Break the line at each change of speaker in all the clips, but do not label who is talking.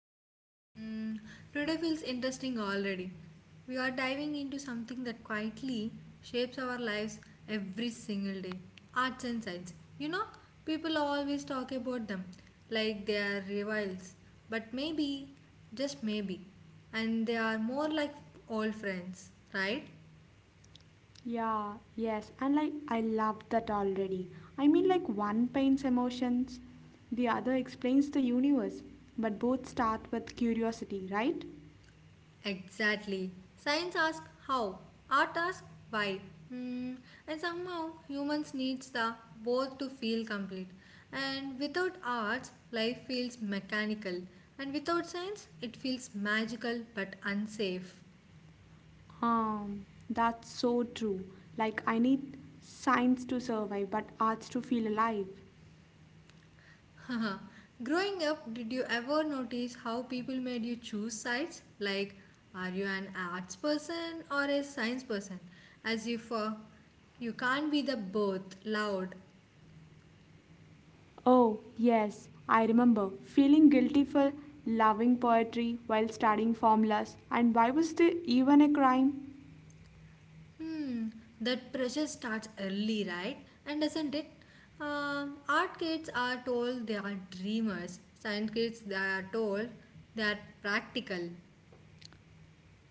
everyone. Today feels interesting already. We are diving into something that quietly shapes our lives every single day, arts and science. You know, people always talk about them like they are rivals, but maybe, just maybe, and they are more like old friends, right?
Yeah, yes, and like I love that already. I mean, like one paints emotions, the other explains the universe, but both start with curiosity, right?
Exactly. Science asks how, art asks why. Hmm. And somehow humans needs the both to feel complete. And without arts, life feels mechanical. And without science, it feels magical but unsafe.
That's so true. Like, I need science to survive, but arts to feel alive.
Haha. Growing up, did you ever notice how people made you choose sides? Like, are you an arts person or a science person? As if you can't be the both loud.
Oh, yes, I remember feeling guilty for loving poetry while studying formulas, and why was there even a crime?
Hmm, that pressure starts early, right? And doesn't it? Art kids are told they are dreamers. Science kids they are told they are practical.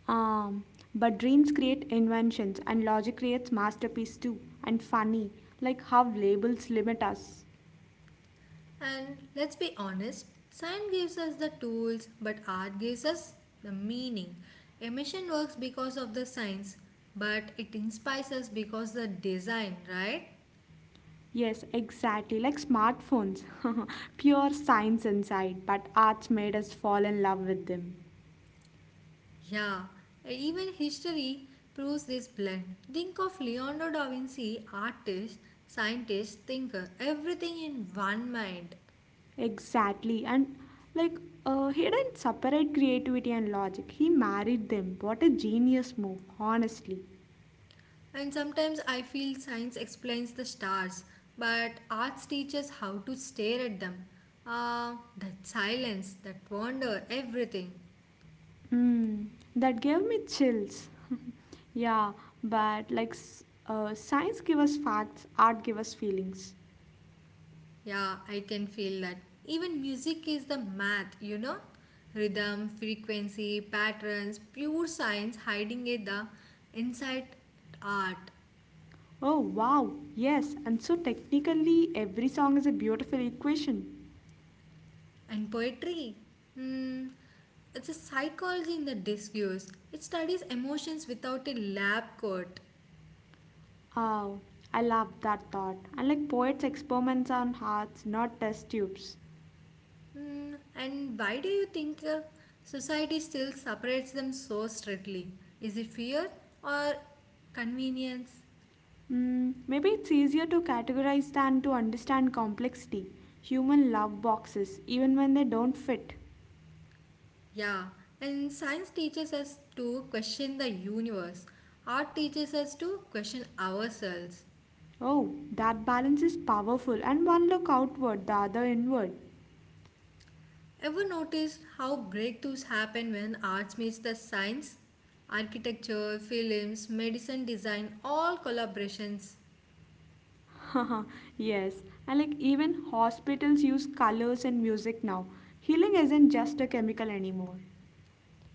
Um, but dreams create inventions, and logic creates masterpiece too. And funny, like how labels limit us.
And let's be honest, science gives us the tools, but art gives us the meaning. Emission works because of the science, but it inspires us because the design, right?
Yes, exactly, like smartphones. Pure science inside, but arts made us fall in love with them.
Yeah, even history proves this blend. Think of Leonardo da Vinci, artist, scientist, thinker, everything in one mind.
Exactly, and like he didn't separate creativity and logic. He married them. What a genius move, honestly.
And sometimes I feel science explains the stars, but arts teaches how to stare at them. Ah, that silence, that wonder, everything.
Mm, that gave me chills. yeah, but like science give us facts, art give us feelings.
Yeah, I can feel that. Even music is the math, you know? Rhythm, frequency, patterns, pure science hiding in the inside art
Oh wow, yes, and so technically every song is a beautiful equation.
and poetry. Hmm. It's a psychology in the discourse. It studies emotions without a lab coat.
Oh, I love that thought. And like poets experiments on hearts, not test tubes.
Hmm. And why do you think society still separates them so strictly? Is it fear or convenience?
Maybe it's easier to categorize than to understand complexity. Human love boxes, even when they don't fit.
Yeah, and science teaches us to question the universe. Art teaches us to question ourselves.
Oh, that balance is powerful, and one look outward, the other inward.
Ever noticed how breakthroughs happen when arts meets the science? Architecture, films, medicine design, all collaborations.
yes, and like even hospitals use colors and music now. Healing isn't just a chemical anymore.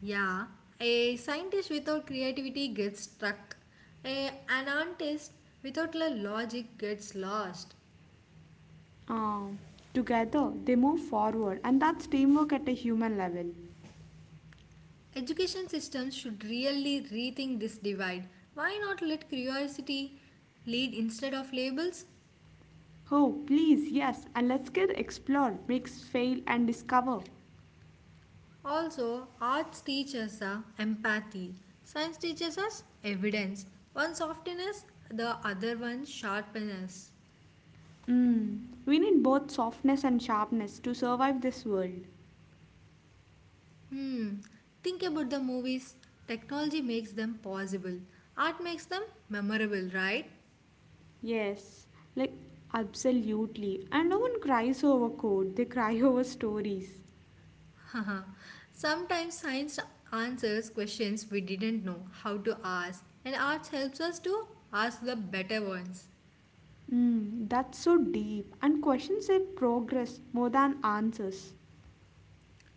Yeah, a scientist without creativity gets stuck. An artist without the logic gets lost.
Um, together, they move forward, and that's teamwork at a human level.
Education systems should really rethink this divide. Why not let curiosity lead instead of labels?
Oh, please, yes, and let's get explore, mix, fail, and discover.
Also, arts teaches us empathy, science teaches us evidence. One softens us, the other one sharpens us.
Mm. We need both softness and sharpness to survive this world.
Hmm, think about the movies. Technology makes them possible, art makes them memorable, right?
Yes, like absolutely. And no one cries over code, they cry over stories.
Haha, sometimes science answers questions we didn't know how to ask, and arts helps us to ask the better ones.
That's so deep. And questions say progress more than answers.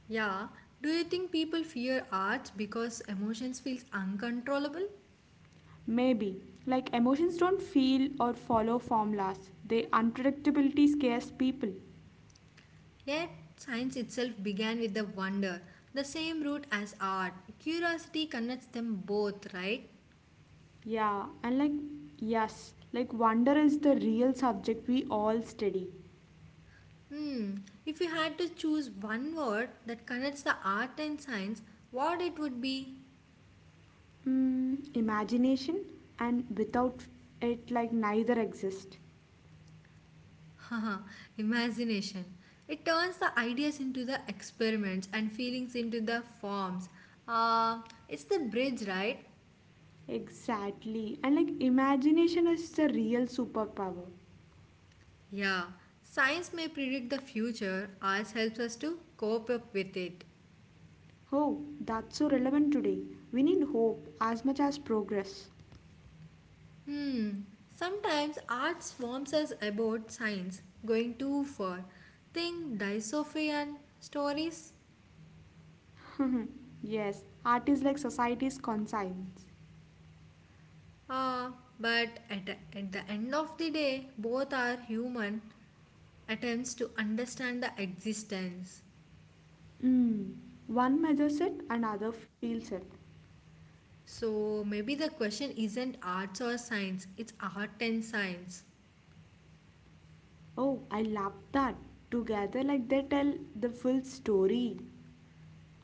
Yeah, do you think people fear arts because emotions feels uncontrollable?
Maybe. Like emotions don't feel or follow formulas, they unpredictability scares people.
Yet science itself began with the wonder, the same root as art. Curiosity connects them both, right?
Yeah, and like, yes, like wonder is the real subject we all study.
Hmm. If you had to choose one word that connects the art and science, what it would be?
Imagination, and without it, like, neither exist.
Haha, imagination. It turns the ideas into the experiments and feelings into the forms. Uh, it's the bridge, right?
Exactly. And like imagination is the real superpower.
Yeah. Science may predict the future, arts helps us to cope up with it.
Oh, that's so relevant today. We need hope as much as progress.
Hmm. Sometimes art swarms us about science, going too far. Think Dysophian stories?
yes, art is like society's conscience.
Ah, but at the end of the day, both are human attempts to understand the existence.
Mm. One measures it, another feels it.
So maybe the question isn't arts or science, it's art and science.
Oh, I love that. Together, like they tell the full story.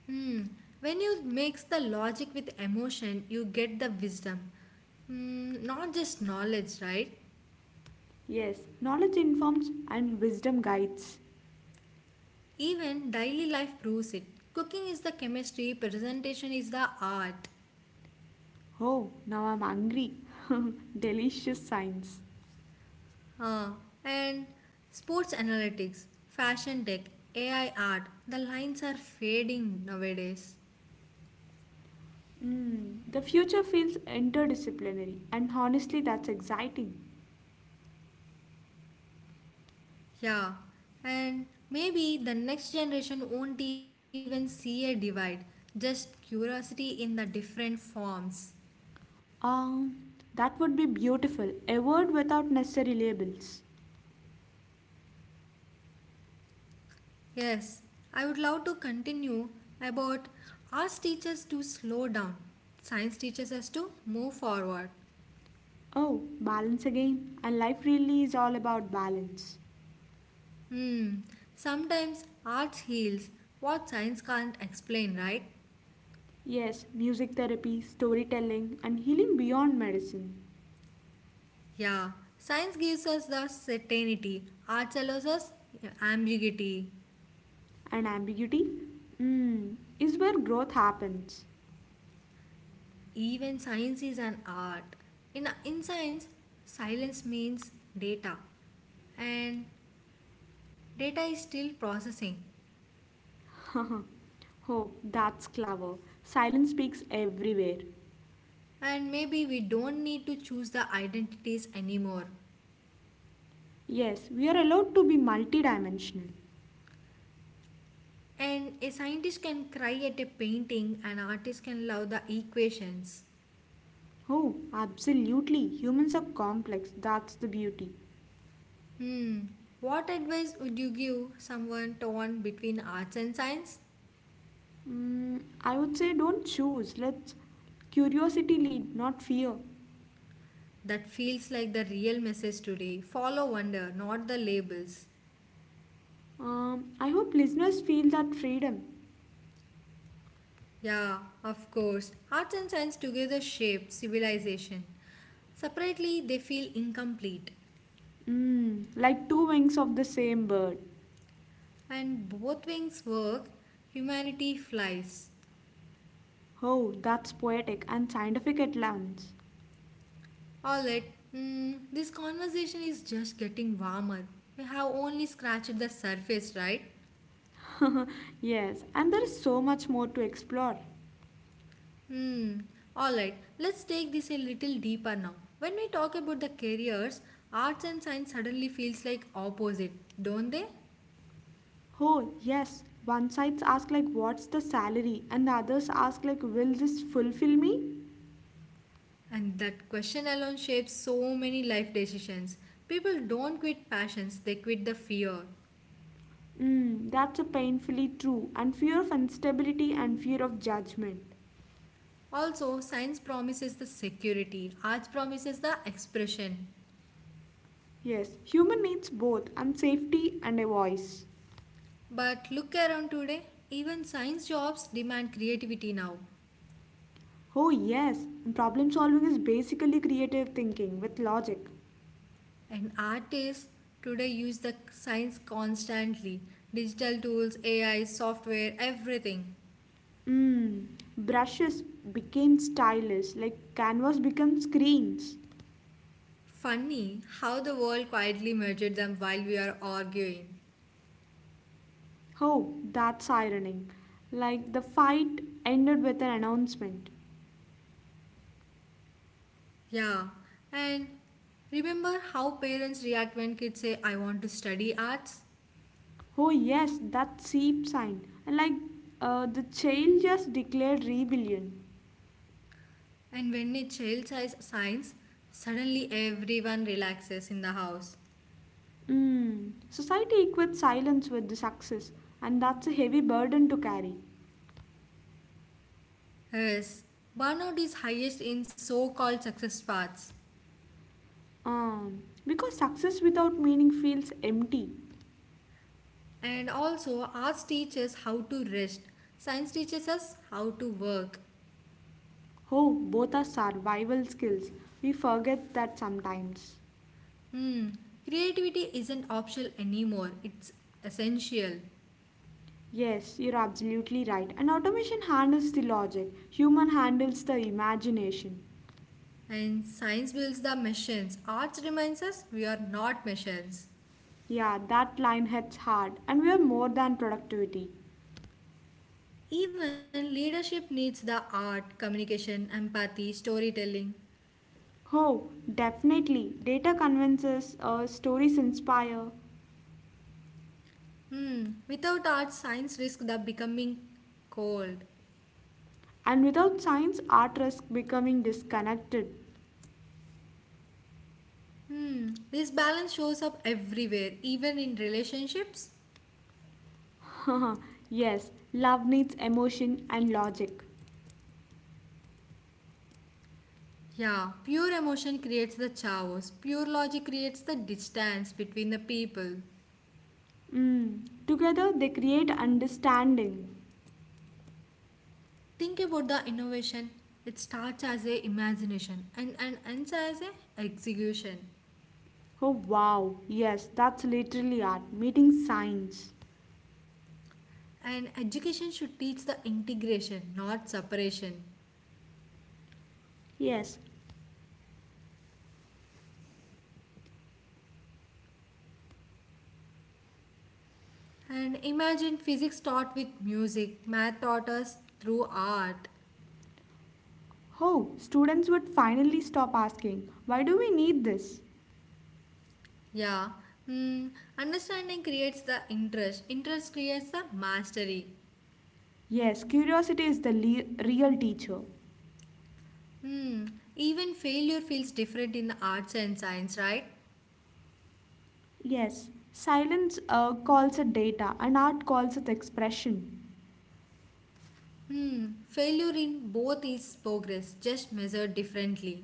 Hmm. When you mix the logic with emotion, you get the wisdom. Mm, not just knowledge, right?
Yes, knowledge informs and wisdom guides.
Even daily life proves it. Cooking is the chemistry, presentation is the art.
Oh, now I'm hungry. Delicious science.
Uh, and sports analytics, fashion tech, AI art, the lines are fading nowadays.
The future feels interdisciplinary, and honestly, that's exciting.
Yeah, and maybe the next generation won't even see a divide, just curiosity in the different forms.
Um, that would be beautiful. A word without necessary labels.
Yes, I would love to continue about ask teachers to slow down. Science teaches us to move forward.
Oh, balance again. And life really is all about balance.
Hmm, sometimes arts heals what science can't explain, right?
Yes, music therapy, storytelling, and healing beyond medicine.
Yeah, science gives us the certainty, art allows us ambiguity.
And ambiguity? Is where growth happens.
Even science is an art. In science, silence means data, and data is still processing.
oh, that's clever. Silence speaks everywhere.
And maybe we don't need to choose the identities anymore.
Yes, we are allowed to be multidimensional.
And a scientist can cry at a painting, an artist can love the equations.
Oh, absolutely. Humans are complex. That's the beauty.
Hmm, what advice would you give someone torn between arts and science?
I would say don't choose. Let's curiosity lead, not fear.
That feels like the real message today. Follow wonder, not the labels.
I hope listeners feel that freedom.
Yeah, of course. Arts and science together shape civilization. Separately, they feel incomplete.
Like two wings of the same bird.
And both wings work, humanity flies.
Oh, that's poetic and scientific at once.
Alright, this conversation is just getting warmer. We have only scratched the surface, right?
yes, and there is so much more to explore.
Hmm. All right. Let's take this a little deeper now. When we talk about the careers, arts and science suddenly feels like opposite, don't they?
Oh, yes. One sides ask like what's the salary and the others ask like will this fulfill me?
And that question alone shapes so many life decisions. People don't quit passions, they quit the fear.
That's a painfully true. And fear of instability and fear of judgment.
Also, science promises the security, arts promises the expression.
Yes, human needs both, and safety and a voice.
But look around today, even science jobs demand creativity now.
Oh yes, and problem solving is basically creative thinking with logic.
And artists today use the science constantly, digital tools, AI, software, everything.
Mm, brushes became stylus, like canvas became screens.
Funny how the world quietly measured them while we are arguing.
Oh, that's ironic. Like the fight ended with an announcement.
Yeah, and remember how parents react when kids say, I want to study arts?
Oh yes, that seep sign. And like the child just declared rebellion.
And when a child says science, suddenly everyone relaxes in the house.
Mm. Society equates silence with the success, and that's a heavy burden to carry.
Yes, burnout is highest in so called success paths.
Because success without meaning feels empty.
And also, arts teaches how to rest. Science teaches us how to work.
Oh, both are survival skills. We forget that sometimes.
Hmm. Creativity isn't optional anymore, it's essential.
Yes, you're absolutely right. And automation handles the logic, human handles the imagination.
And science builds the machines. Arts reminds us we are not machines.
Yeah, that line hits hard, and we are more than productivity.
Even leadership needs the art, communication, empathy, storytelling.
Oh, definitely. Data convinces, stories inspire.
Hmm. Without art, science risks the becoming cold.
And without science, art risks becoming disconnected.
This balance shows up everywhere, even in relationships.
yes, love needs emotion and logic.
Yeah, pure emotion creates the chaos. Pure logic creates the distance between the people.
Mm. Together, they create understanding.
Think about the innovation. It starts as a imagination and ends as a execution.
Oh wow, yes, that's literally art, meeting science.
And education should teach the integration, not separation.
Yes.
And imagine physics taught with music, math taught us through art.
Oh, students would finally stop asking, why do we need this?
Yeah. Hmm. Understanding creates the interest. Interest creates the mastery.
Yes, curiosity is the real teacher.
Hmm. Even failure feels different in arts and science, right?
Yes, silence calls it data and art calls it expression.
Hmm. Failure in both is progress, just measured differently.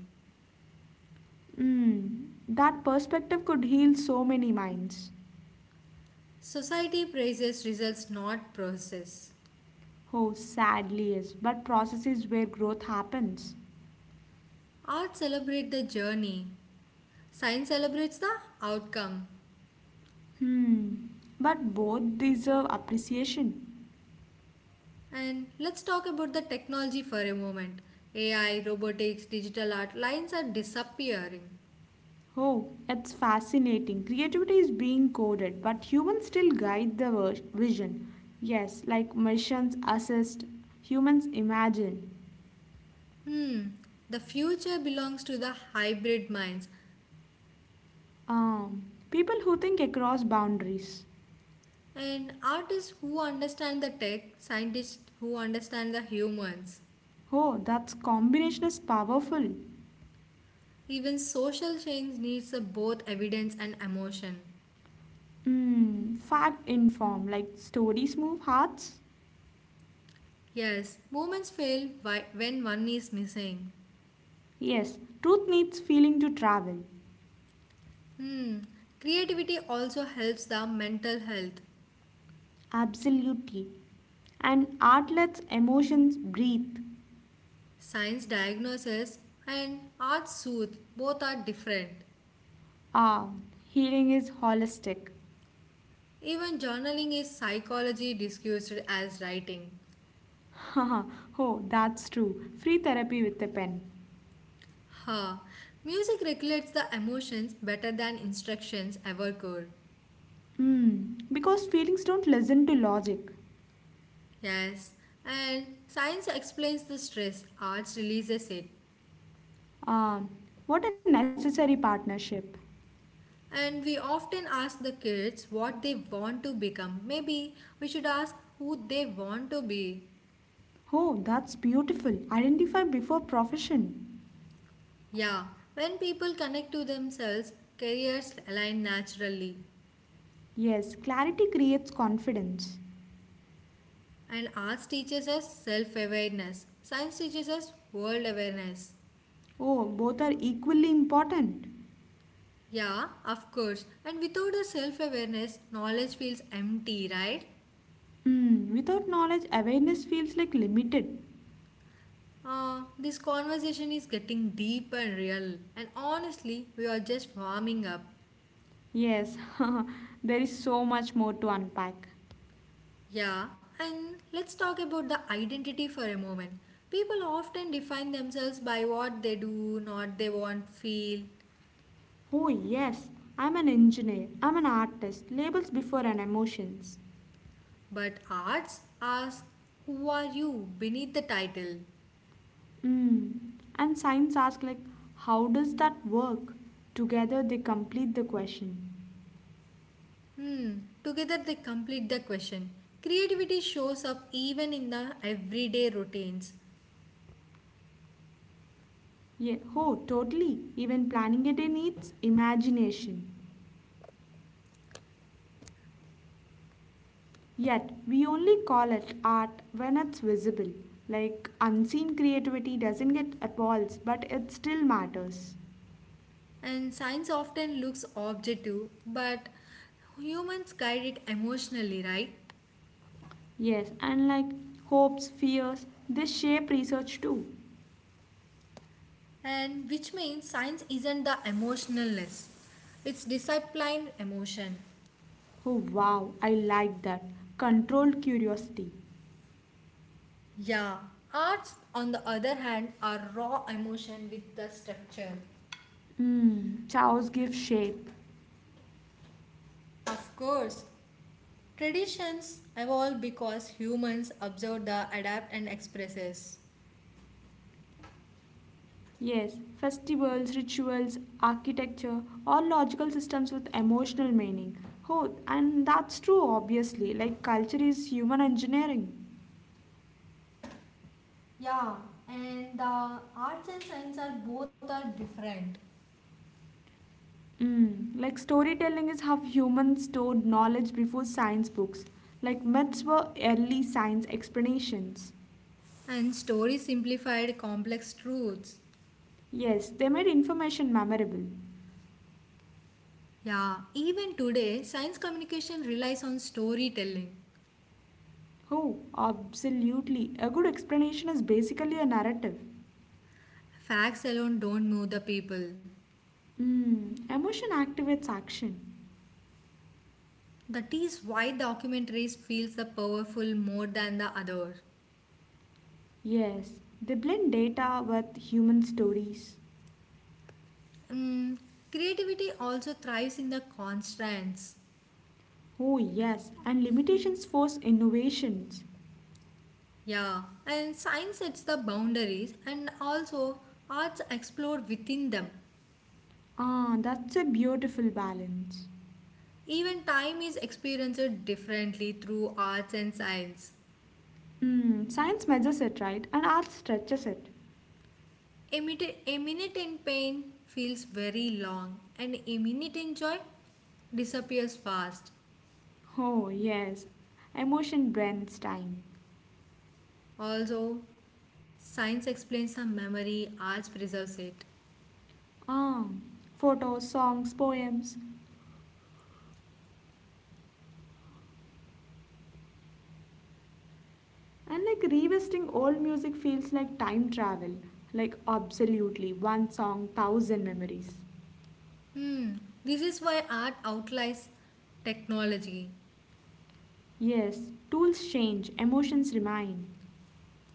That perspective could heal so many minds.
Society praises results, not process.
Oh, sadly, yes, but process is where growth happens.
Art celebrates the journey. Science celebrates the outcome.
Hmm, but both deserve appreciation.
And let's talk about the technology for a moment. AI, robotics, digital art lines are disappearing.
Oh, it's fascinating. Creativity is being coded, but humans still guide the vision. Yes, like machines assist, humans imagine.
Hmm. The future belongs to the hybrid minds,
Um, people who think across boundaries.
and artists who understand the tech, scientists who understand the humans.
Oh, that's combination is powerful.
Even social change needs both evidence and emotion.
Fact in form, like stories move hearts.
Yes, movements fail when one is missing.
Yes, truth needs feeling to travel.
Hmm. Creativity also helps the mental health.
Absolutely. And art lets emotions breathe.
Science diagnoses and art soothes. Both are different.
Ah, healing is holistic.
Even journaling is psychology discussed as writing.
Haha, oh, that's true. Free therapy with a pen.
Ha! Music regulates the emotions better than instructions ever could.
Because feelings don't listen to logic.
Yes, and science explains the stress, arts releases it.
Ah, what a necessary partnership.
And we often ask the kids what they want to become. Maybe we should ask who they want to be.
Oh, that's beautiful. Identify before profession.
Yeah, when people connect to themselves, careers align naturally.
Yes, clarity creates confidence.
And arts teaches us self awareness, science teaches us world awareness.
Oh, both are equally important.
Yeah, of course. And without the self awareness, knowledge feels empty, right?
Without knowledge, awareness feels like limited.
This conversation is getting deep and real, and honestly, we are just warming up.
Yes, there is so much more to unpack.
Yeah, and let's talk about the identity for a moment. People often define themselves by what they do, not they want, feel,
Oh, yes, I'm an engineer, I'm an artist, labels before and emotions.
but arts ask, who are you beneath the title?
Hmm, and science asks, like, how does that work? Together they complete the question.
Hmm, together they complete the question. Creativity shows up even in the everyday routines.
Yeah, oh, totally. Even planning it needs imagination. Yet, we only call it art when it's visible. Like, unseen creativity doesn't get applause, but it still matters.
And science often looks objective, but humans guide it emotionally, right?
Yes, and like hopes, fears, they shape research too.
And which means science isn't the emotionless, it's disciplined emotion.
Oh wow, I like that. Controlled curiosity.
Yeah, arts, on the other hand, are raw emotion with the structure.
Chaos gives shape.
Of course, traditions evolve because humans observe the adapt and expresses.
Yes, festivals, rituals, architecture, all logical systems with emotional meaning. Oh, and that's true, obviously. Like, culture is human engineering.
Yeah, and the arts and science are both are different.
Mm. Like storytelling is how humans stored knowledge before science books. Like myths were early science explanations.
And stories simplified complex truths.
Yes, they made information memorable.
Yeah, even today, science communication relies on storytelling.
Oh, absolutely. A good explanation is basically a narrative.
Facts alone don't move the people.
Mm. Emotion activates action.
That is why documentaries feels the powerful more than the other.
Yes, they blend data with human stories.
Mm, creativity also thrives in the constraints.
Oh, yes, and limitations force innovations.
Yeah, and science sets the boundaries and also arts explore within them.
Ah, that's a beautiful balance.
Even time is experienced differently through arts and science.
Science measures it, right? And art stretches it.
A minute in pain feels very long, and a minute in joy disappears fast.
Oh, yes. Emotion blends time.
Also, science explains some memory, art preserves it.
Ah, photos, songs, poems. And like revisiting old music feels like time travel. Like, absolutely. One song, thousand memories.
Hmm, this is why art outlies technology.
Yes, tools change, emotions remain.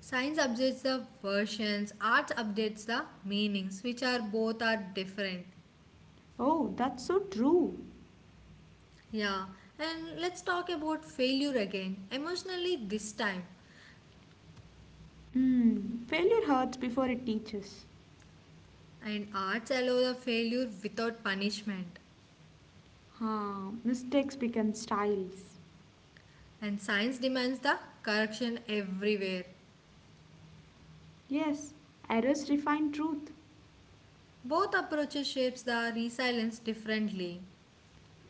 Science updates the versions, art updates the meanings, which are both are different.
Oh, that's so true.
Yeah, and let's talk about failure again, emotionally this time.
Failure hurts before it teaches.
And arts allow the failure without punishment.
Ah, mistakes become styles.
And science demands the correction everywhere.
Yes, errors refine truth.
Both approaches shapes the resilience differently.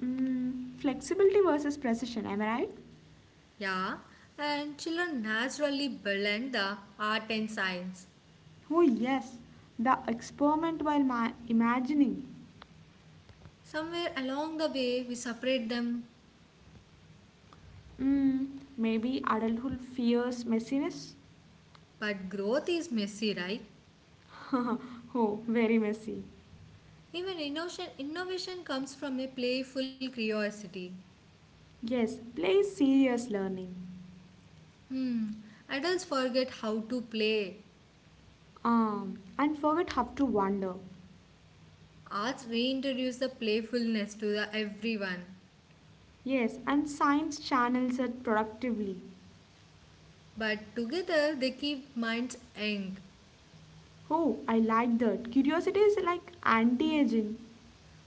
Flexibility versus precision, am I right?
Yeah, and children naturally blend the art and science.
Oh, yes. The experiment while imagining.
Somewhere along the way we separate them,
Maybe adulthood fears messiness?
but growth is messy, right?
oh, very messy.
Innovation comes from a playful curiosity.
Yes, play is serious learning.
Hmm, adults forget how to play.
And forget how to wonder.
Arts reintroduce the playfulness to the everyone,
Yes, and science channels it productively.
but together they keep minds young.
Oh, I like that. Curiosity is like anti aging.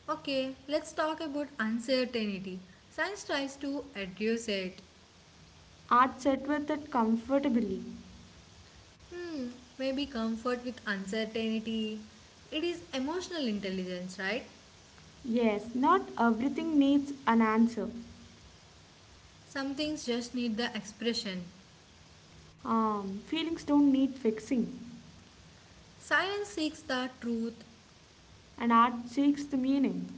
Okay, let's talk about uncertainty. Science tries to address it.
Art set with it comfortably.
Hmm, maybe comfort with uncertainty. It is emotional intelligence, right?
Yes, not everything needs an answer.
Some things just need the expression.
Feelings don't need fixing,
Silence seeks the truth,
and art seeks the meaning.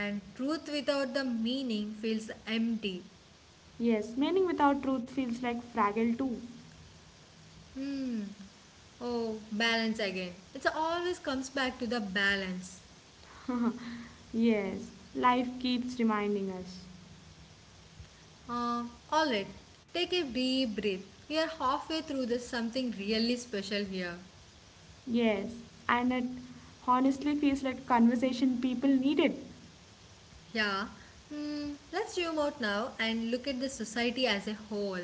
and truth without the meaning feels empty.
Yes, meaning without truth feels like fragile too.
Hmm. Oh, balance again. It always comes back to the balance.
yes, life keeps reminding us.
All right, take a deep breath. We are halfway through this something really special here.
Yes, and it honestly feels like a conversation people needed.
Yeah, let's zoom out now and look at the society as a whole.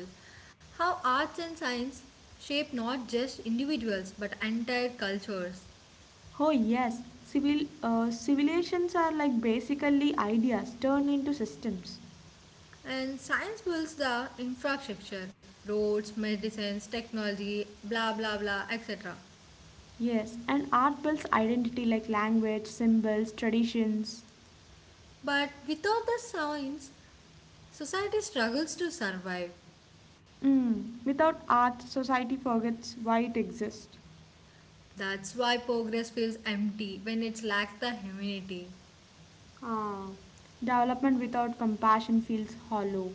How arts and science shape not just individuals but entire cultures.
Oh yes, civilizations are like basically ideas turned into systems.
And science builds the infrastructure, roads, medicines, technology, blah blah blah, etc.
Yes, and art builds identity like language, symbols, traditions.
But without the science, society struggles to survive.
Mm. Without art, society forgets why it exists.
That's why progress feels empty when it lacks the humanity.
Ah, development without compassion feels hollow.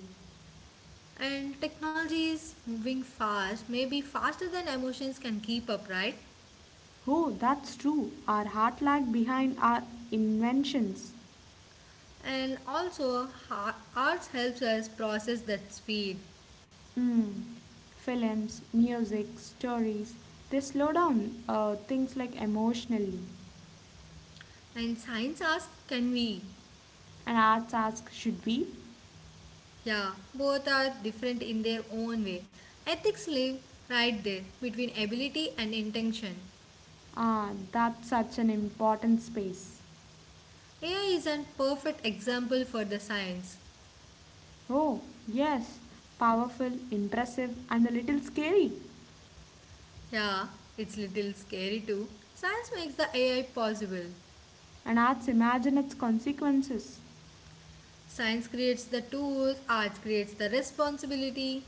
And technology is moving fast, maybe faster than emotions can keep up, right?
Oh, that's true. Our heart lag behind our inventions.
And also, arts helps us process that speed.
Mm. Films, music, stories, they slow down things like emotionally.
And science asks, can we?
And arts ask, should we?
Yeah, both are different in their own way. Ethics live right there between ability and intention.
Ah, that's such an important space.
AI is an perfect example for the science.
Oh, yes, powerful, impressive, and a little scary.
Yeah, it's little scary too. Science makes the AI possible.
And arts imagine its consequences.
Science creates the tools, art creates the responsibility,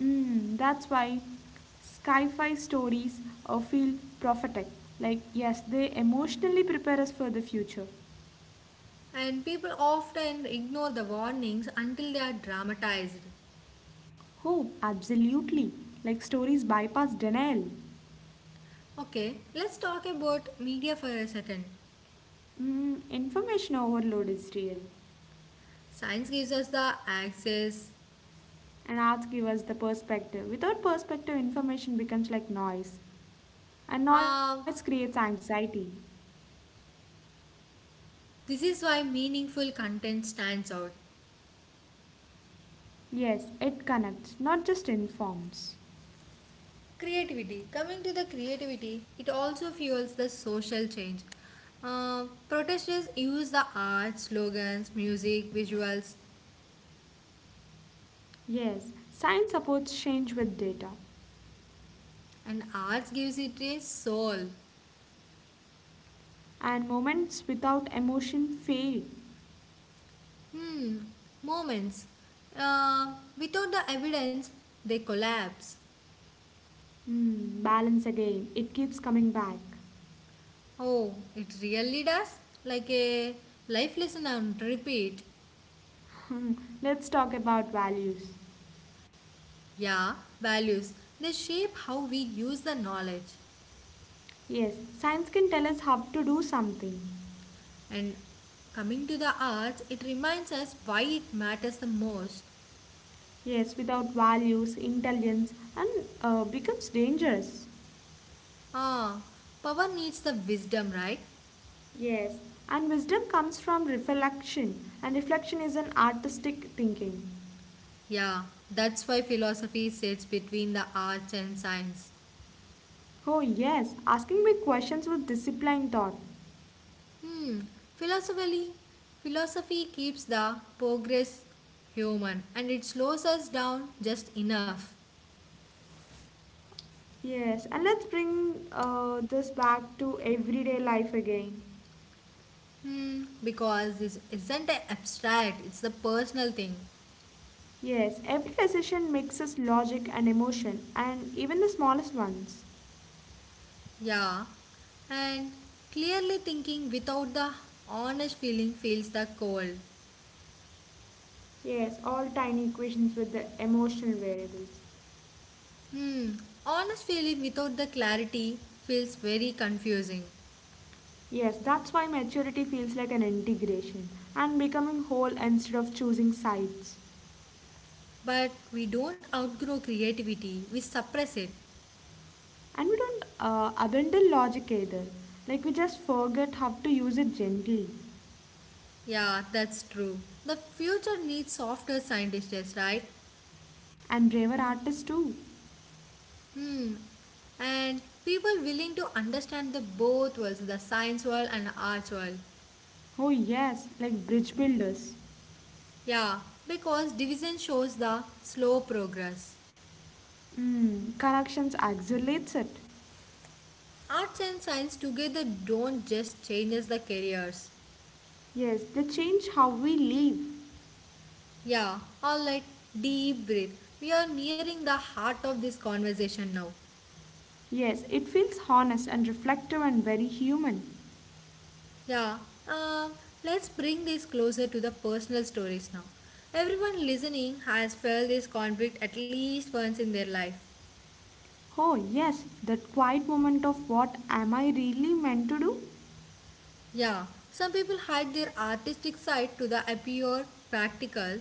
That's why sci fi stories feel prophetic. Like, yes, they emotionally prepare us for the future.
and people often ignore the warnings until they are dramatized.
Oh, absolutely. Like, stories bypass denial.
Okay, let's talk about media for a second.
Information overload is real.
Science gives us the access.
And arts give us the perspective. Without perspective, information becomes like noise. And noise
Uh,
creates anxiety.
this is why meaningful content stands out.
Yes, it connects, not just informs.
Creativity. Coming to the creativity, it also fuels the social change. Protesters use the arts, slogans, music, visuals,
Yes, science supports change with data,
and arts gives it a soul.
and moments without emotion fade.
Hmm. Moments. Without the evidence, they collapse.
Balance again, it keeps coming back.
Oh, it really does? Like a life lesson on repeat.
Hmm, Let's talk about values.
Yeah, values. They shape how we use the knowledge.
Yes, science can tell us how to do something.
And coming to the arts, it reminds us why it matters the most.
Yes, without values, intelligence, and becomes dangerous.
Ah, power needs the wisdom, right?
Yes, and wisdom comes from reflection, and reflection is an artistic thinking.
Yeah, that's why philosophy sits between the arts and science.
Oh, yes, asking big questions with disciplined thought.
Hmm, philosophically, philosophy keeps the progress human and it slows us down just enough.
Yes, and let's bring this back to everyday life again.
Hmm, because this isn't a abstract, it's the personal thing.
Yes, every decision mixes logic and emotion, and even the smallest ones.
Yeah, and clearly thinking without the honest feeling feels the cold.
Yes, all tiny equations with the emotional variables.
Hmm, honest feeling without the clarity feels very confusing.
Yes, that's why maturity feels like an integration and becoming whole instead of choosing sides.
But we don't outgrow creativity, we suppress it.
And we don't abandon logic either, like, we just forget how to use it gently.
Yeah, that's true. The future needs softer scientists, right?
And braver artists too.
Hmm, and people willing to understand the both worlds the science world and the arts world.
Oh, yes, like bridge builders.
Yeah, because division shows the slow progress.
Corrections accelerates it.
Arts and science together don't just change us the careers.
Yes, they change how we live.
Yeah, alright, deep breath. We are nearing the heart of this conversation now.
Yes, it feels honest and reflective and very human.
Yeah, um, let's bring this closer to the personal stories now. Everyone listening has felt this conflict at least once in their life.
Oh, yes, that quiet moment of what am I really meant to do?
Yeah, some people hide their artistic side to the appear practical,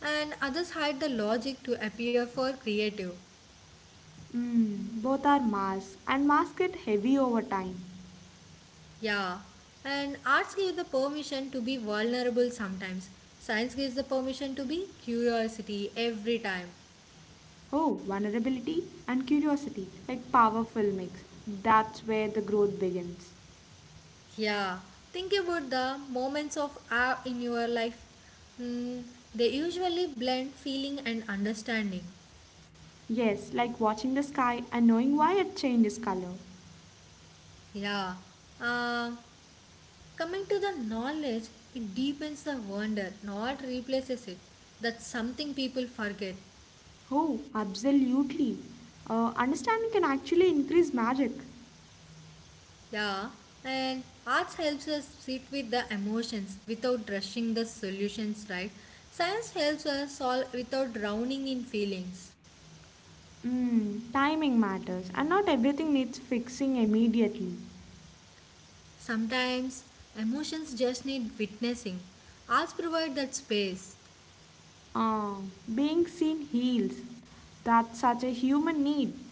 and others hide the logic to appear for creative.
Both are masks, and masks get heavy over time.
Yeah, and arts give the permission to be vulnerable sometimes. Science gives the permission to be curiosity every time.
Oh, vulnerability and curiosity, like powerful mix. That's where the growth begins.
Yeah, think about the moments of awe in your life. Hmm, they usually blend feeling and understanding.
Yes, like watching the sky and knowing why it changes color.
Yeah, uh, coming to the knowledge, it deepens the wonder, not replaces it. That's something people forget.
Oh, absolutely. Understanding can actually increase magic.
Yeah, and arts helps us sit with the emotions without rushing the solutions, right? Science helps us solve without drowning in feelings.
Timing matters, and not everything needs fixing immediately.
Sometimes emotions just need witnessing. Arts provide that space.
Ah, being seen heals. That's such a human need.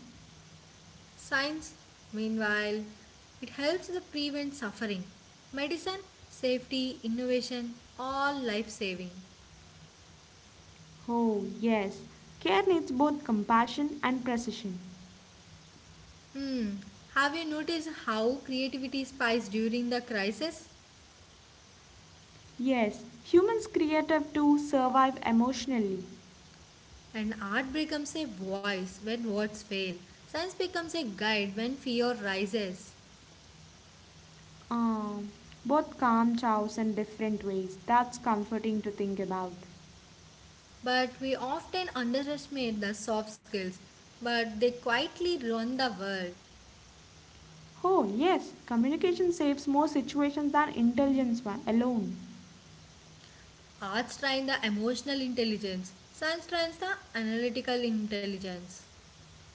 Science, meanwhile, it helps to prevent suffering. Medicine, safety, innovation, all life saving.
Oh, yes. Care needs both compassion and precision.
Hmm, have you noticed how creativity spikes during the crisis?
Yes, humans creative to survive emotionally.
And art becomes a voice when words fail. Science becomes a guide when fear rises.
Um, both calm chows in different ways. That's comforting to think about.
But we often underestimate the soft skills, but they quietly run the world.
Oh, yes, communication saves more situations than intelligence alone.
Arts train the emotional intelligence, science trains the analytical intelligence.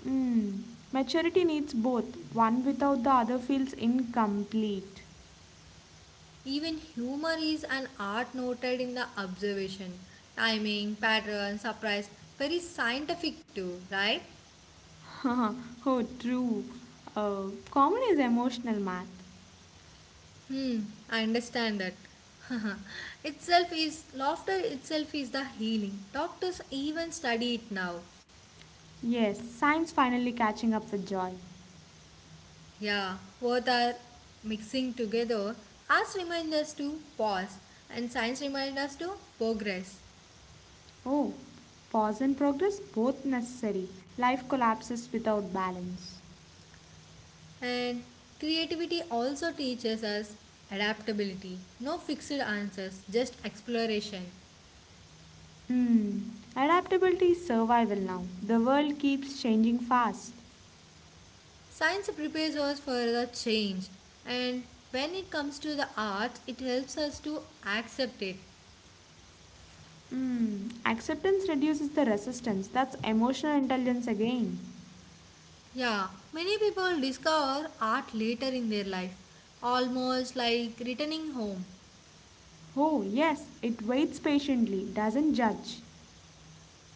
Mm, maturity needs both. One without the other feels incomplete.
Even humor is an art noted in the observation. Timing, pattern, surprise, very scientific too, right?
oh, true. Common is emotional math.
Hmm, I understand that. itself is laughter itself is the healing. Doctors even study it now.
Yes, science finally catching up with joy.
Yeah, both are mixing together. Arts remind us to pause and science reminds us to progress.
Oh, pause and progress both necessary. Life collapses without balance.
And creativity also teaches us adaptability. No fixed answers, just exploration.
Hmm, adaptability is survival now. The world keeps changing fast.
Science prepares us for the change, and when it comes to the arts, it helps us to accept it.
Hmm, acceptance reduces the resistance. That's emotional intelligence again.
Yeah, many people discover art later in their life, almost like returning home.
Oh, yes, it waits patiently, doesn't judge.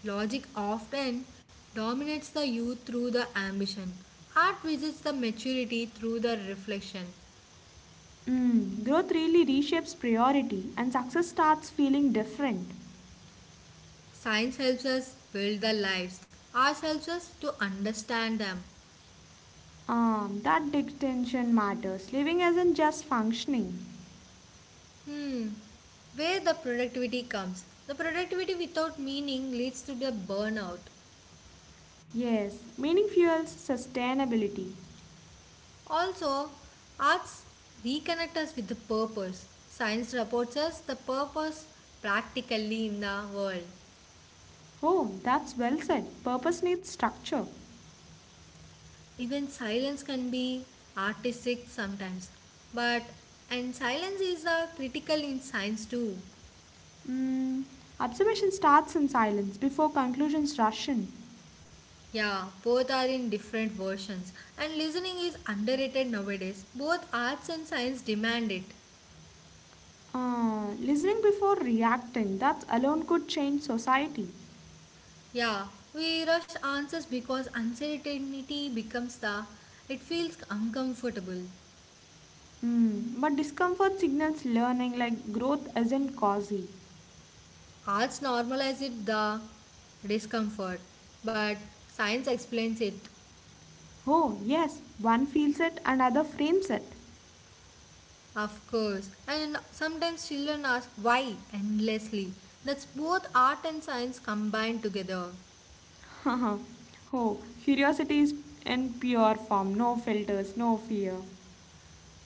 Logic often dominates the youth through the ambition. Art visits the maturity through the reflection.
Mm. Growth really reshapes priority, and success starts feeling different.
Science helps us build the lives. Art helps us to understand them.
That distinction matters. Living isn't just functioning.
Hmm. Where the productivity comes. The productivity without meaning leads to the burnout.
Yes, meaning fuels sustainability.
Also, arts reconnect us with the purpose. Science reports us the purpose practically in the world.
Oh, that's well said. Purpose needs structure.
Even silence can be artistic sometimes. But and silence is critical in science too.
Mm, observation starts in silence before conclusions rush in.
Yeah, both are in different versions. And listening is underrated nowadays. Both arts and science demand it.
Listening before reacting, that alone could change society.
Yeah, we rush answers because uncertainty becomes the it feels uncomfortable.
Mm, but discomfort signals learning like growth isn't cozy.
Arts normalizes the discomfort, but science explains it,
Oh, yes, one feels it and other frames it.
of course. And sometimes children ask why endlessly. That's both art and science combined together.
Oh, curiosity is in pure form, no filters, no fear.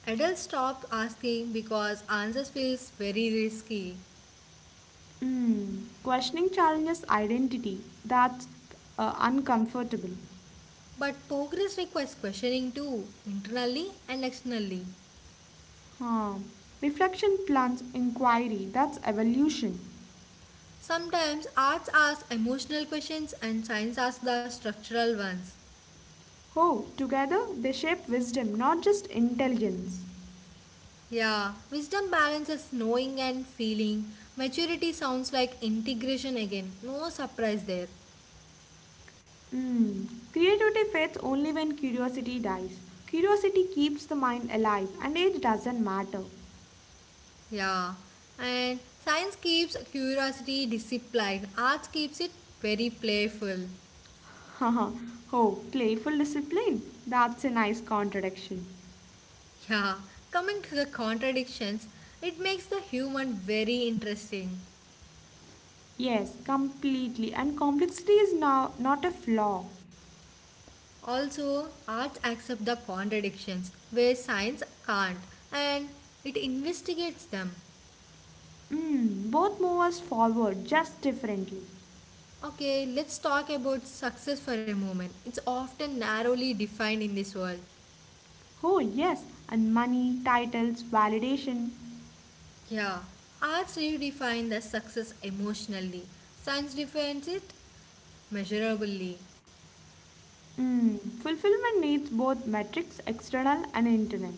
Adults stop asking because answers feels very risky.
Mm, questioning challenges identity, that's uncomfortable.
But progress requires questioning too, internally and externally.
Huh. Reflection plants inquiry, that's evolution.
Sometimes arts ask emotional questions and science asks the structural ones.
Oh, together they shape wisdom, not just intelligence.
Yeah, wisdom balances knowing and feeling. Maturity sounds like integration again. No surprise there.
Hmm. Creativity fades only when curiosity dies. Curiosity keeps the mind alive, and age doesn't matter.
Yeah, and science keeps curiosity disciplined, arts keeps it very playful.
Haha. Oh, playful discipline. That's a nice contradiction.
Yeah, coming to the contradictions, it makes the human very interesting.
Yes, completely. And complexity is now not a flaw.
Also, arts accept the contradictions where science can't and it investigates them.
Mm, both move us forward, just differently.
Okay, let's talk about success for a moment. It's often narrowly defined in this world.
Oh, yes, and money, titles, validation.
Yeah, arts redefine the success emotionally. Science defines it measurably.
Mm, fulfillment needs both metrics, external and internal.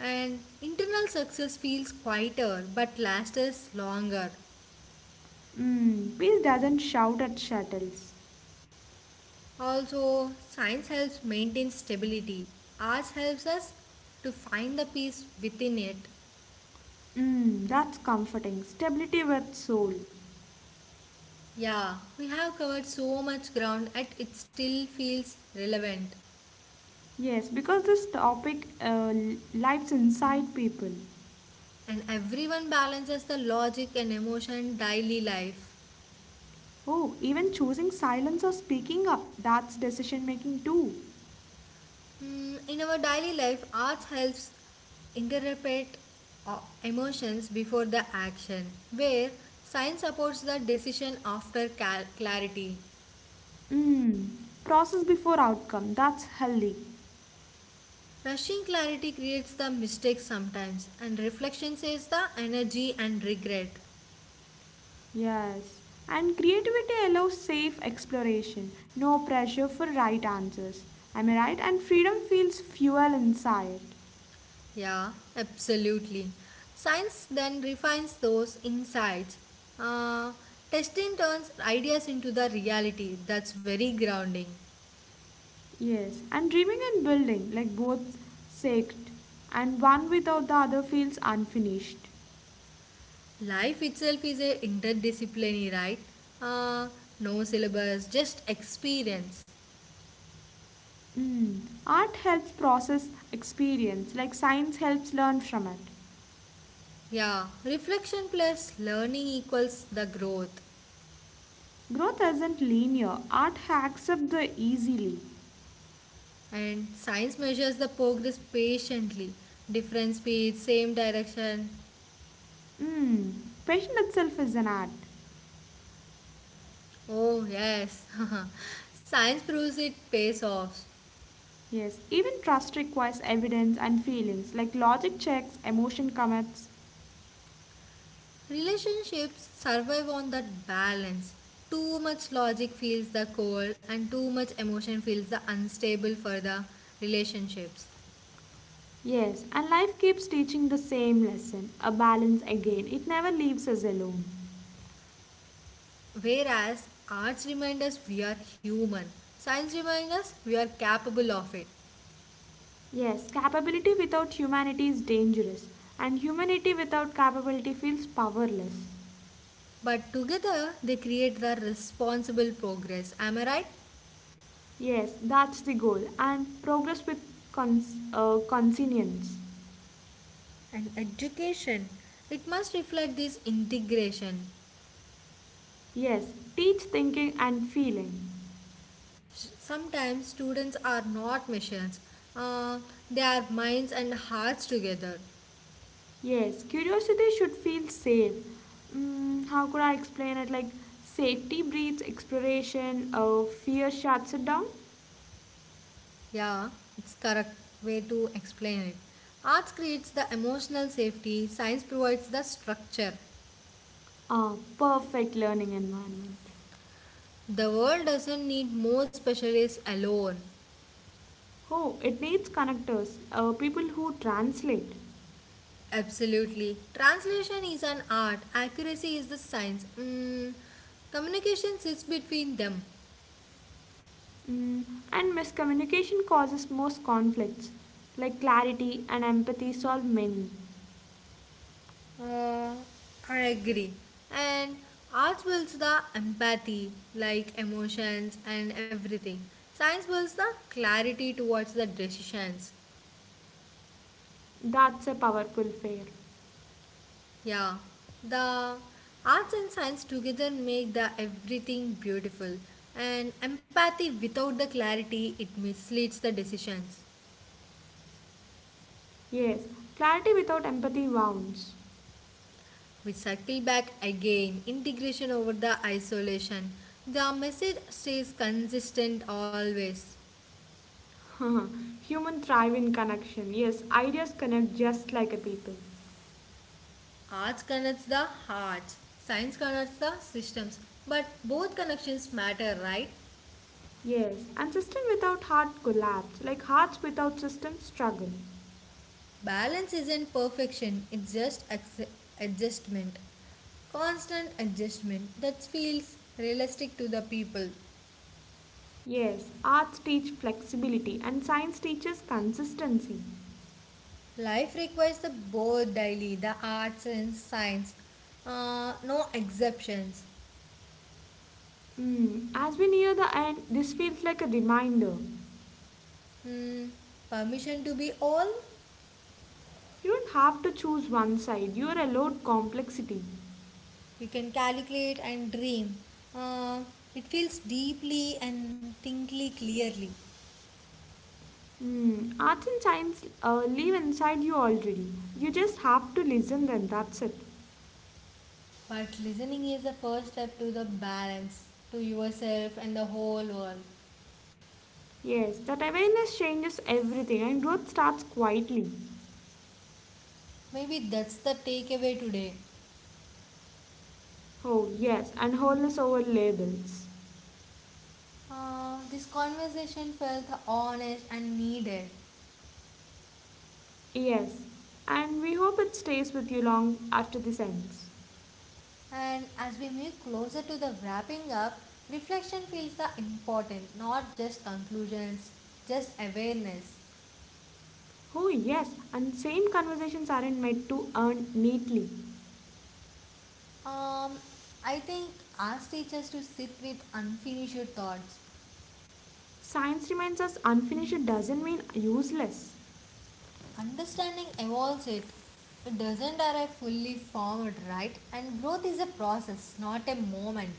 And internal success feels quieter but lasts longer.
Mm, peace doesn't shout at shuttles.
Also, science helps maintain stability. Arts helps us to find the peace within it.
Mm, that's comforting. Stability with soul.
Yeah, we have covered so much ground and it still feels relevant.
Yes, because this topic lives inside people.
And everyone balances the logic and emotion daily life.
Oh, even choosing silence or speaking up, that's decision making too.
Hmm, in our daily life arts helps interpret emotions before the action where science supports the decision after clarity.
Mm, process before outcome, that's healthy.
Rushing clarity creates the mistakes sometimes and reflection saves the energy and regret.
Yes, and creativity allows safe exploration, no pressure for right answers. Am I right? And freedom feels fuel inside.
Yeah, absolutely. Science then refines those insights. Uh, Testing turns ideas into the reality. That's very grounding.
Yes, and dreaming and building, like both sacred, and one without the other feels unfinished.
Life itself is a interdisciplinary, right? Uh, no syllabus, just experience.
Mm. Art helps process experience, like science helps learn from it.
Yeah, reflection plus learning equals the growth.
Growth isn't linear, art hacks up the easily.
And science measures the progress patiently. Different speed, same direction.
Mm. Passion itself is an art.
Oh, yes. science proves it pays off.
Yes, even trust requires evidence and feelings, like logic checks, emotion commits.
Relationships survive on that balance. Too much logic feels the cold, and too much emotion feels the unstable for the relationships.
Yes, and life keeps teaching the same lesson, a balance again. It never leaves us alone.
Whereas arts remind us we are human, science reminds us we are capable of it.
Yes, capability without humanity is dangerous, and humanity without capability feels powerless.
But together they create the responsible progress. Am I right?
Yes, that's the goal, and progress with conscience.
And education. It must reflect this integration.
Yes, teach thinking and feeling.
Sometimes students are not machines. Uh, they are minds and hearts together.
Yes, curiosity should feel safe. Mm, how could I explain it? Like safety breeds exploration, fear shuts it down.
Yeah, it's correct way to explain it. Arts creates the emotional safety. Science provides the structure.
Ah, perfect learning environment.
The world doesn't need more specialists alone.
Oh, it needs connectors, people who translate.
Absolutely. Translation is an art. Accuracy is the science. Mm, communication sits between them.
Mm, and miscommunication causes most conflicts, like clarity and empathy solve many.
Uh, I agree. And arts builds the empathy, like emotions and everything. Science builds the clarity towards the decisions.
That's a powerful fear.
Yeah. The arts and science together make the everything beautiful. And empathy without the clarity it misleads the decisions.
Yes, clarity without empathy wounds.
We circle back again, integration over the isolation. The message stays consistent always.
Human thrive in connection. Yes, ideas connect just like a people.
Arts connects the hearts, science connects the systems, but both connections matter, right?
Yes, and system without heart collapse, like hearts without system struggle.
Balance isn't perfection, it's just adjustment. Constant adjustment that feels realistic to the people.
Yes, arts teach flexibility and science teaches consistency.
Life requires the both daily, the arts and science. No exceptions.
Mm, as we near the end, this feels like a reminder.
Hmm, permission to be all?
You don't have to choose one side, you are allowed complexity.
You can calculate and dream. Uh, it feels deeply and thinkly clearly.
Mm, arts and science live inside you already. You just have to listen them, that's it.
But listening is the first step to the balance, to yourself and the whole world.
Yes, that awareness changes everything and growth starts quietly.
Maybe that's the takeaway today.
Oh, yes, and wholeness over labels.
This conversation felt honest and needed.
Yes, and we hope it stays with you long after this ends.
And as we move closer to the wrapping up, reflection feels the important, not just conclusions, just awareness.
Oh, yes, and same conversations aren't made to earn neatly.
Um, I think ask teachers to sit with unfinished thoughts.
Science reminds us unfinished doesn't mean useless.
Understanding evolves it. It doesn't arrive fully formed, right? And growth is a process, not a moment.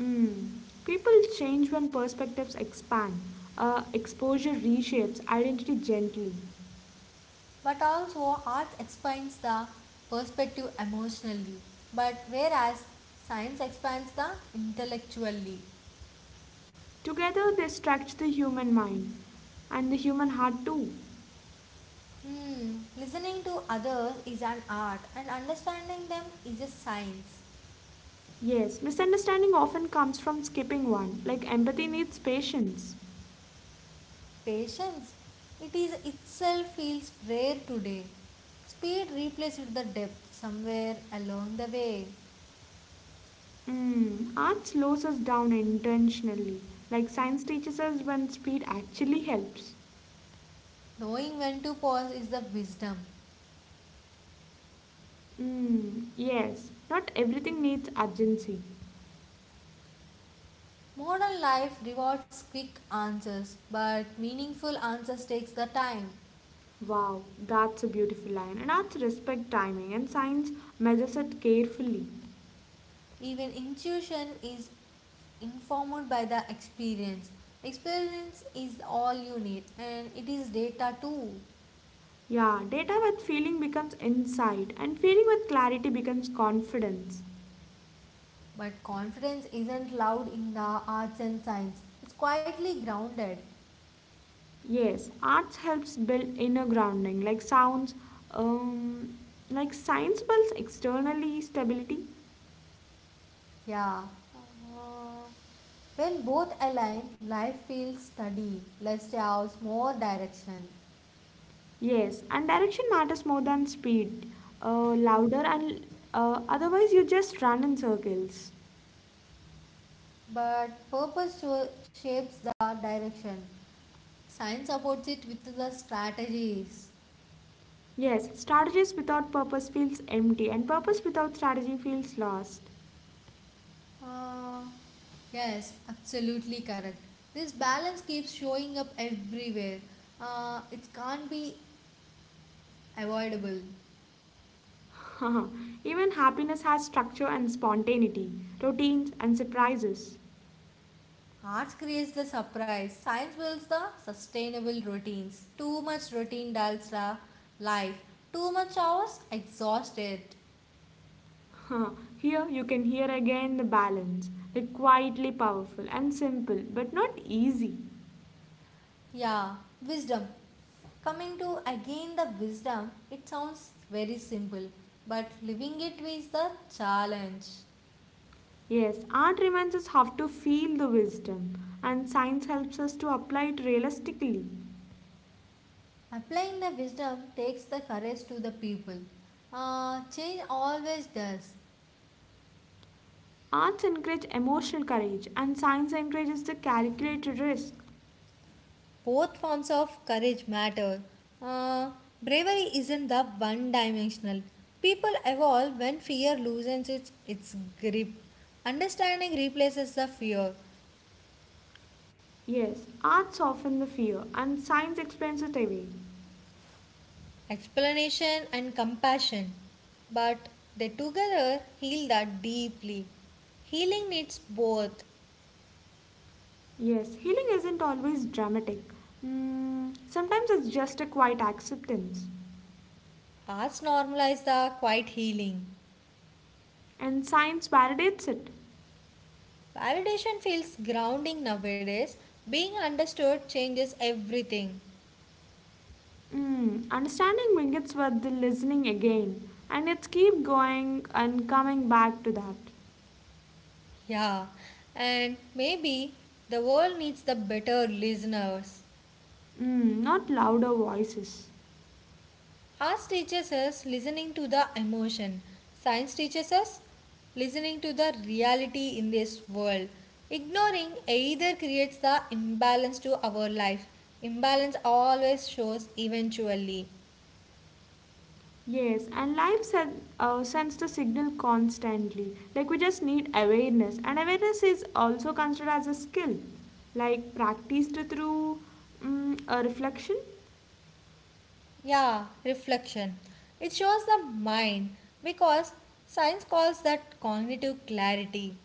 Mm. People change when perspectives expand, exposure reshapes identity gently.
But also, art expands the perspective emotionally, but whereas science expands the intellectually.
Together they stretch the human mind and the human heart too.
Hmm, listening to others is an art, and understanding them is a science.
Yes, misunderstanding often comes from skipping one, like empathy needs patience.
Patience, it is itself feels rare today. Speed replaced the depth somewhere along the way.
Mm, art slows us down intentionally, like science teaches us when speed actually helps.
Knowing when to pause is the wisdom.
Mm, yes, not everything needs urgency.
Modern life rewards quick answers, but meaningful answers takes the time.
Wow, that's a beautiful line. And arts respect timing, and science measures it carefully.
Even intuition is informed by the experience. Experience is all you need and it is data too.
Yeah, data with feeling becomes insight, and feeling with clarity becomes confidence.
But confidence isn't loud in the arts and science. It's quietly grounded.
Yes, arts helps build inner grounding, like sounds, um, like science builds externally stability.
Yeah. Uh, when both align, life feels steady, less chaos, more direction.
Yes, and direction matters more than speed, louder, and otherwise you just run in circles.
But shapes the direction. Science supports it with the strategies.
Yes, strategies without purpose feels empty, and purpose without strategy feels lost.
Uh, Yes, absolutely correct. This balance keeps showing up everywhere. It can't be avoidable.
Even happiness has structure and spontaneity, routines and surprises.
Arts creates the surprise. Science builds the sustainable routines. Too much routine dulls the life. Too much hours exhaust it.
Here you can hear again the balance, like quietly powerful and simple, but not easy.
Yeah, wisdom. Coming to again the wisdom, it sounds very simple, but living it is the challenge.
Yes, art reminds us how to feel the wisdom, and science helps us to apply it realistically.
Applying the wisdom takes the courage to the people. Change always does.
Arts encourage emotional courage, and science encourages the calculated risk.
Both forms of courage matter. Uh, Bravery isn't the one dimensional. People evolve when fear loosens its grip. Understanding replaces the fear.
Yes, arts soften the fear, and science explains it away.
Explanation and compassion, but they together heal that deeply. Healing needs both.
Yes, healing isn't always dramatic. Mm, sometimes it's just a quiet acceptance,
Arts normalize the quiet healing.
and science validates it.
Validation feels grounding nowadays. Being understood changes everything.
Mm, understanding begins with the listening again, and it's keep going and coming back to that.
Yeah, and maybe the world needs the better listeners.
Mm, not louder voices.
Arts teaches us listening to the emotion. Science teaches us listening to the reality in this world. Ignoring either creates the imbalance to our life. Imbalance always shows eventually.
Yes, and life sends the signal constantly. Like we just need awareness, and awareness is also considered as a skill, like practiced through a reflection.
Yeah, reflection. It shows the mind because science calls that cognitive clarity.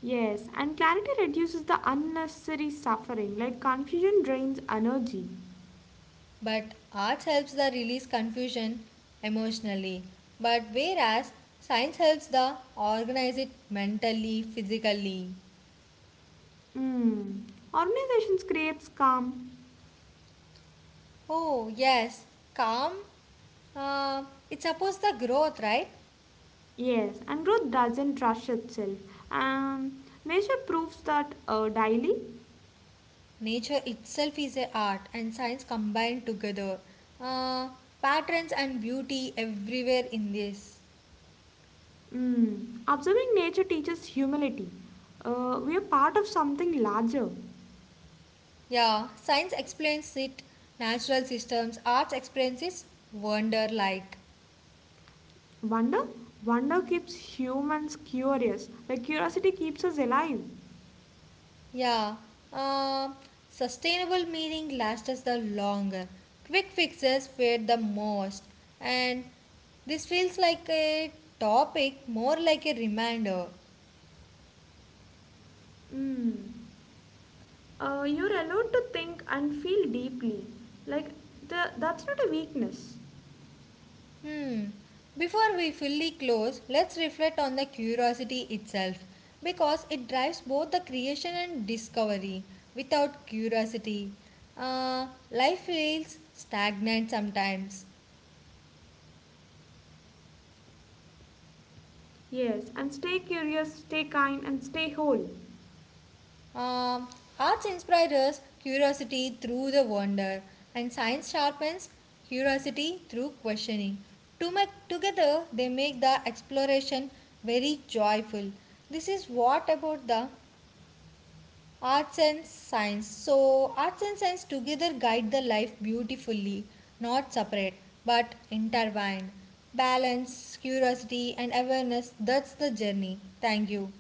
Yes, and clarity reduces the unnecessary suffering, like confusion drains energy.
But arts helps the release confusion emotionally. But whereas science helps the organize it mentally, physically.
Hmm. Organizations creates calm.
Oh yes, calm. Uh, it supports the growth, right?
Yes, and growth doesn't rush itself. Um, Nature proves that daily.
Nature itself is a art, and science combined together. Uh, Patterns and beauty everywhere in this.
Hmm. Observing nature teaches humility. We are part of something larger.
Yeah, science explains it. Natural systems, arts explains it. Wonder like.
Wonder, wonder keeps humans curious. Like curiosity keeps us alive.
Yeah, um, sustainable meaning lasts us the longer. Quick fixes fade the most, and this feels like a topic more like a reminder.
Hmm. You're allowed to think and feel deeply. Like, that's not a weakness.
Hmm. Before we fully close, let's reflect on the curiosity itself because it drives both the creation and discovery. Without curiosity, uh, life feels stagnant sometimes.
Yes, and stay curious, stay kind, and stay whole.
Um, Arts inspires curiosity through the wonder, and science sharpens curiosity through questioning. To make, together, they make the exploration very joyful. This is what about the arts and science. So, arts and science together guide the life beautifully, not separate but intertwined. Balance, curiosity, and awareness that's the journey. Thank you.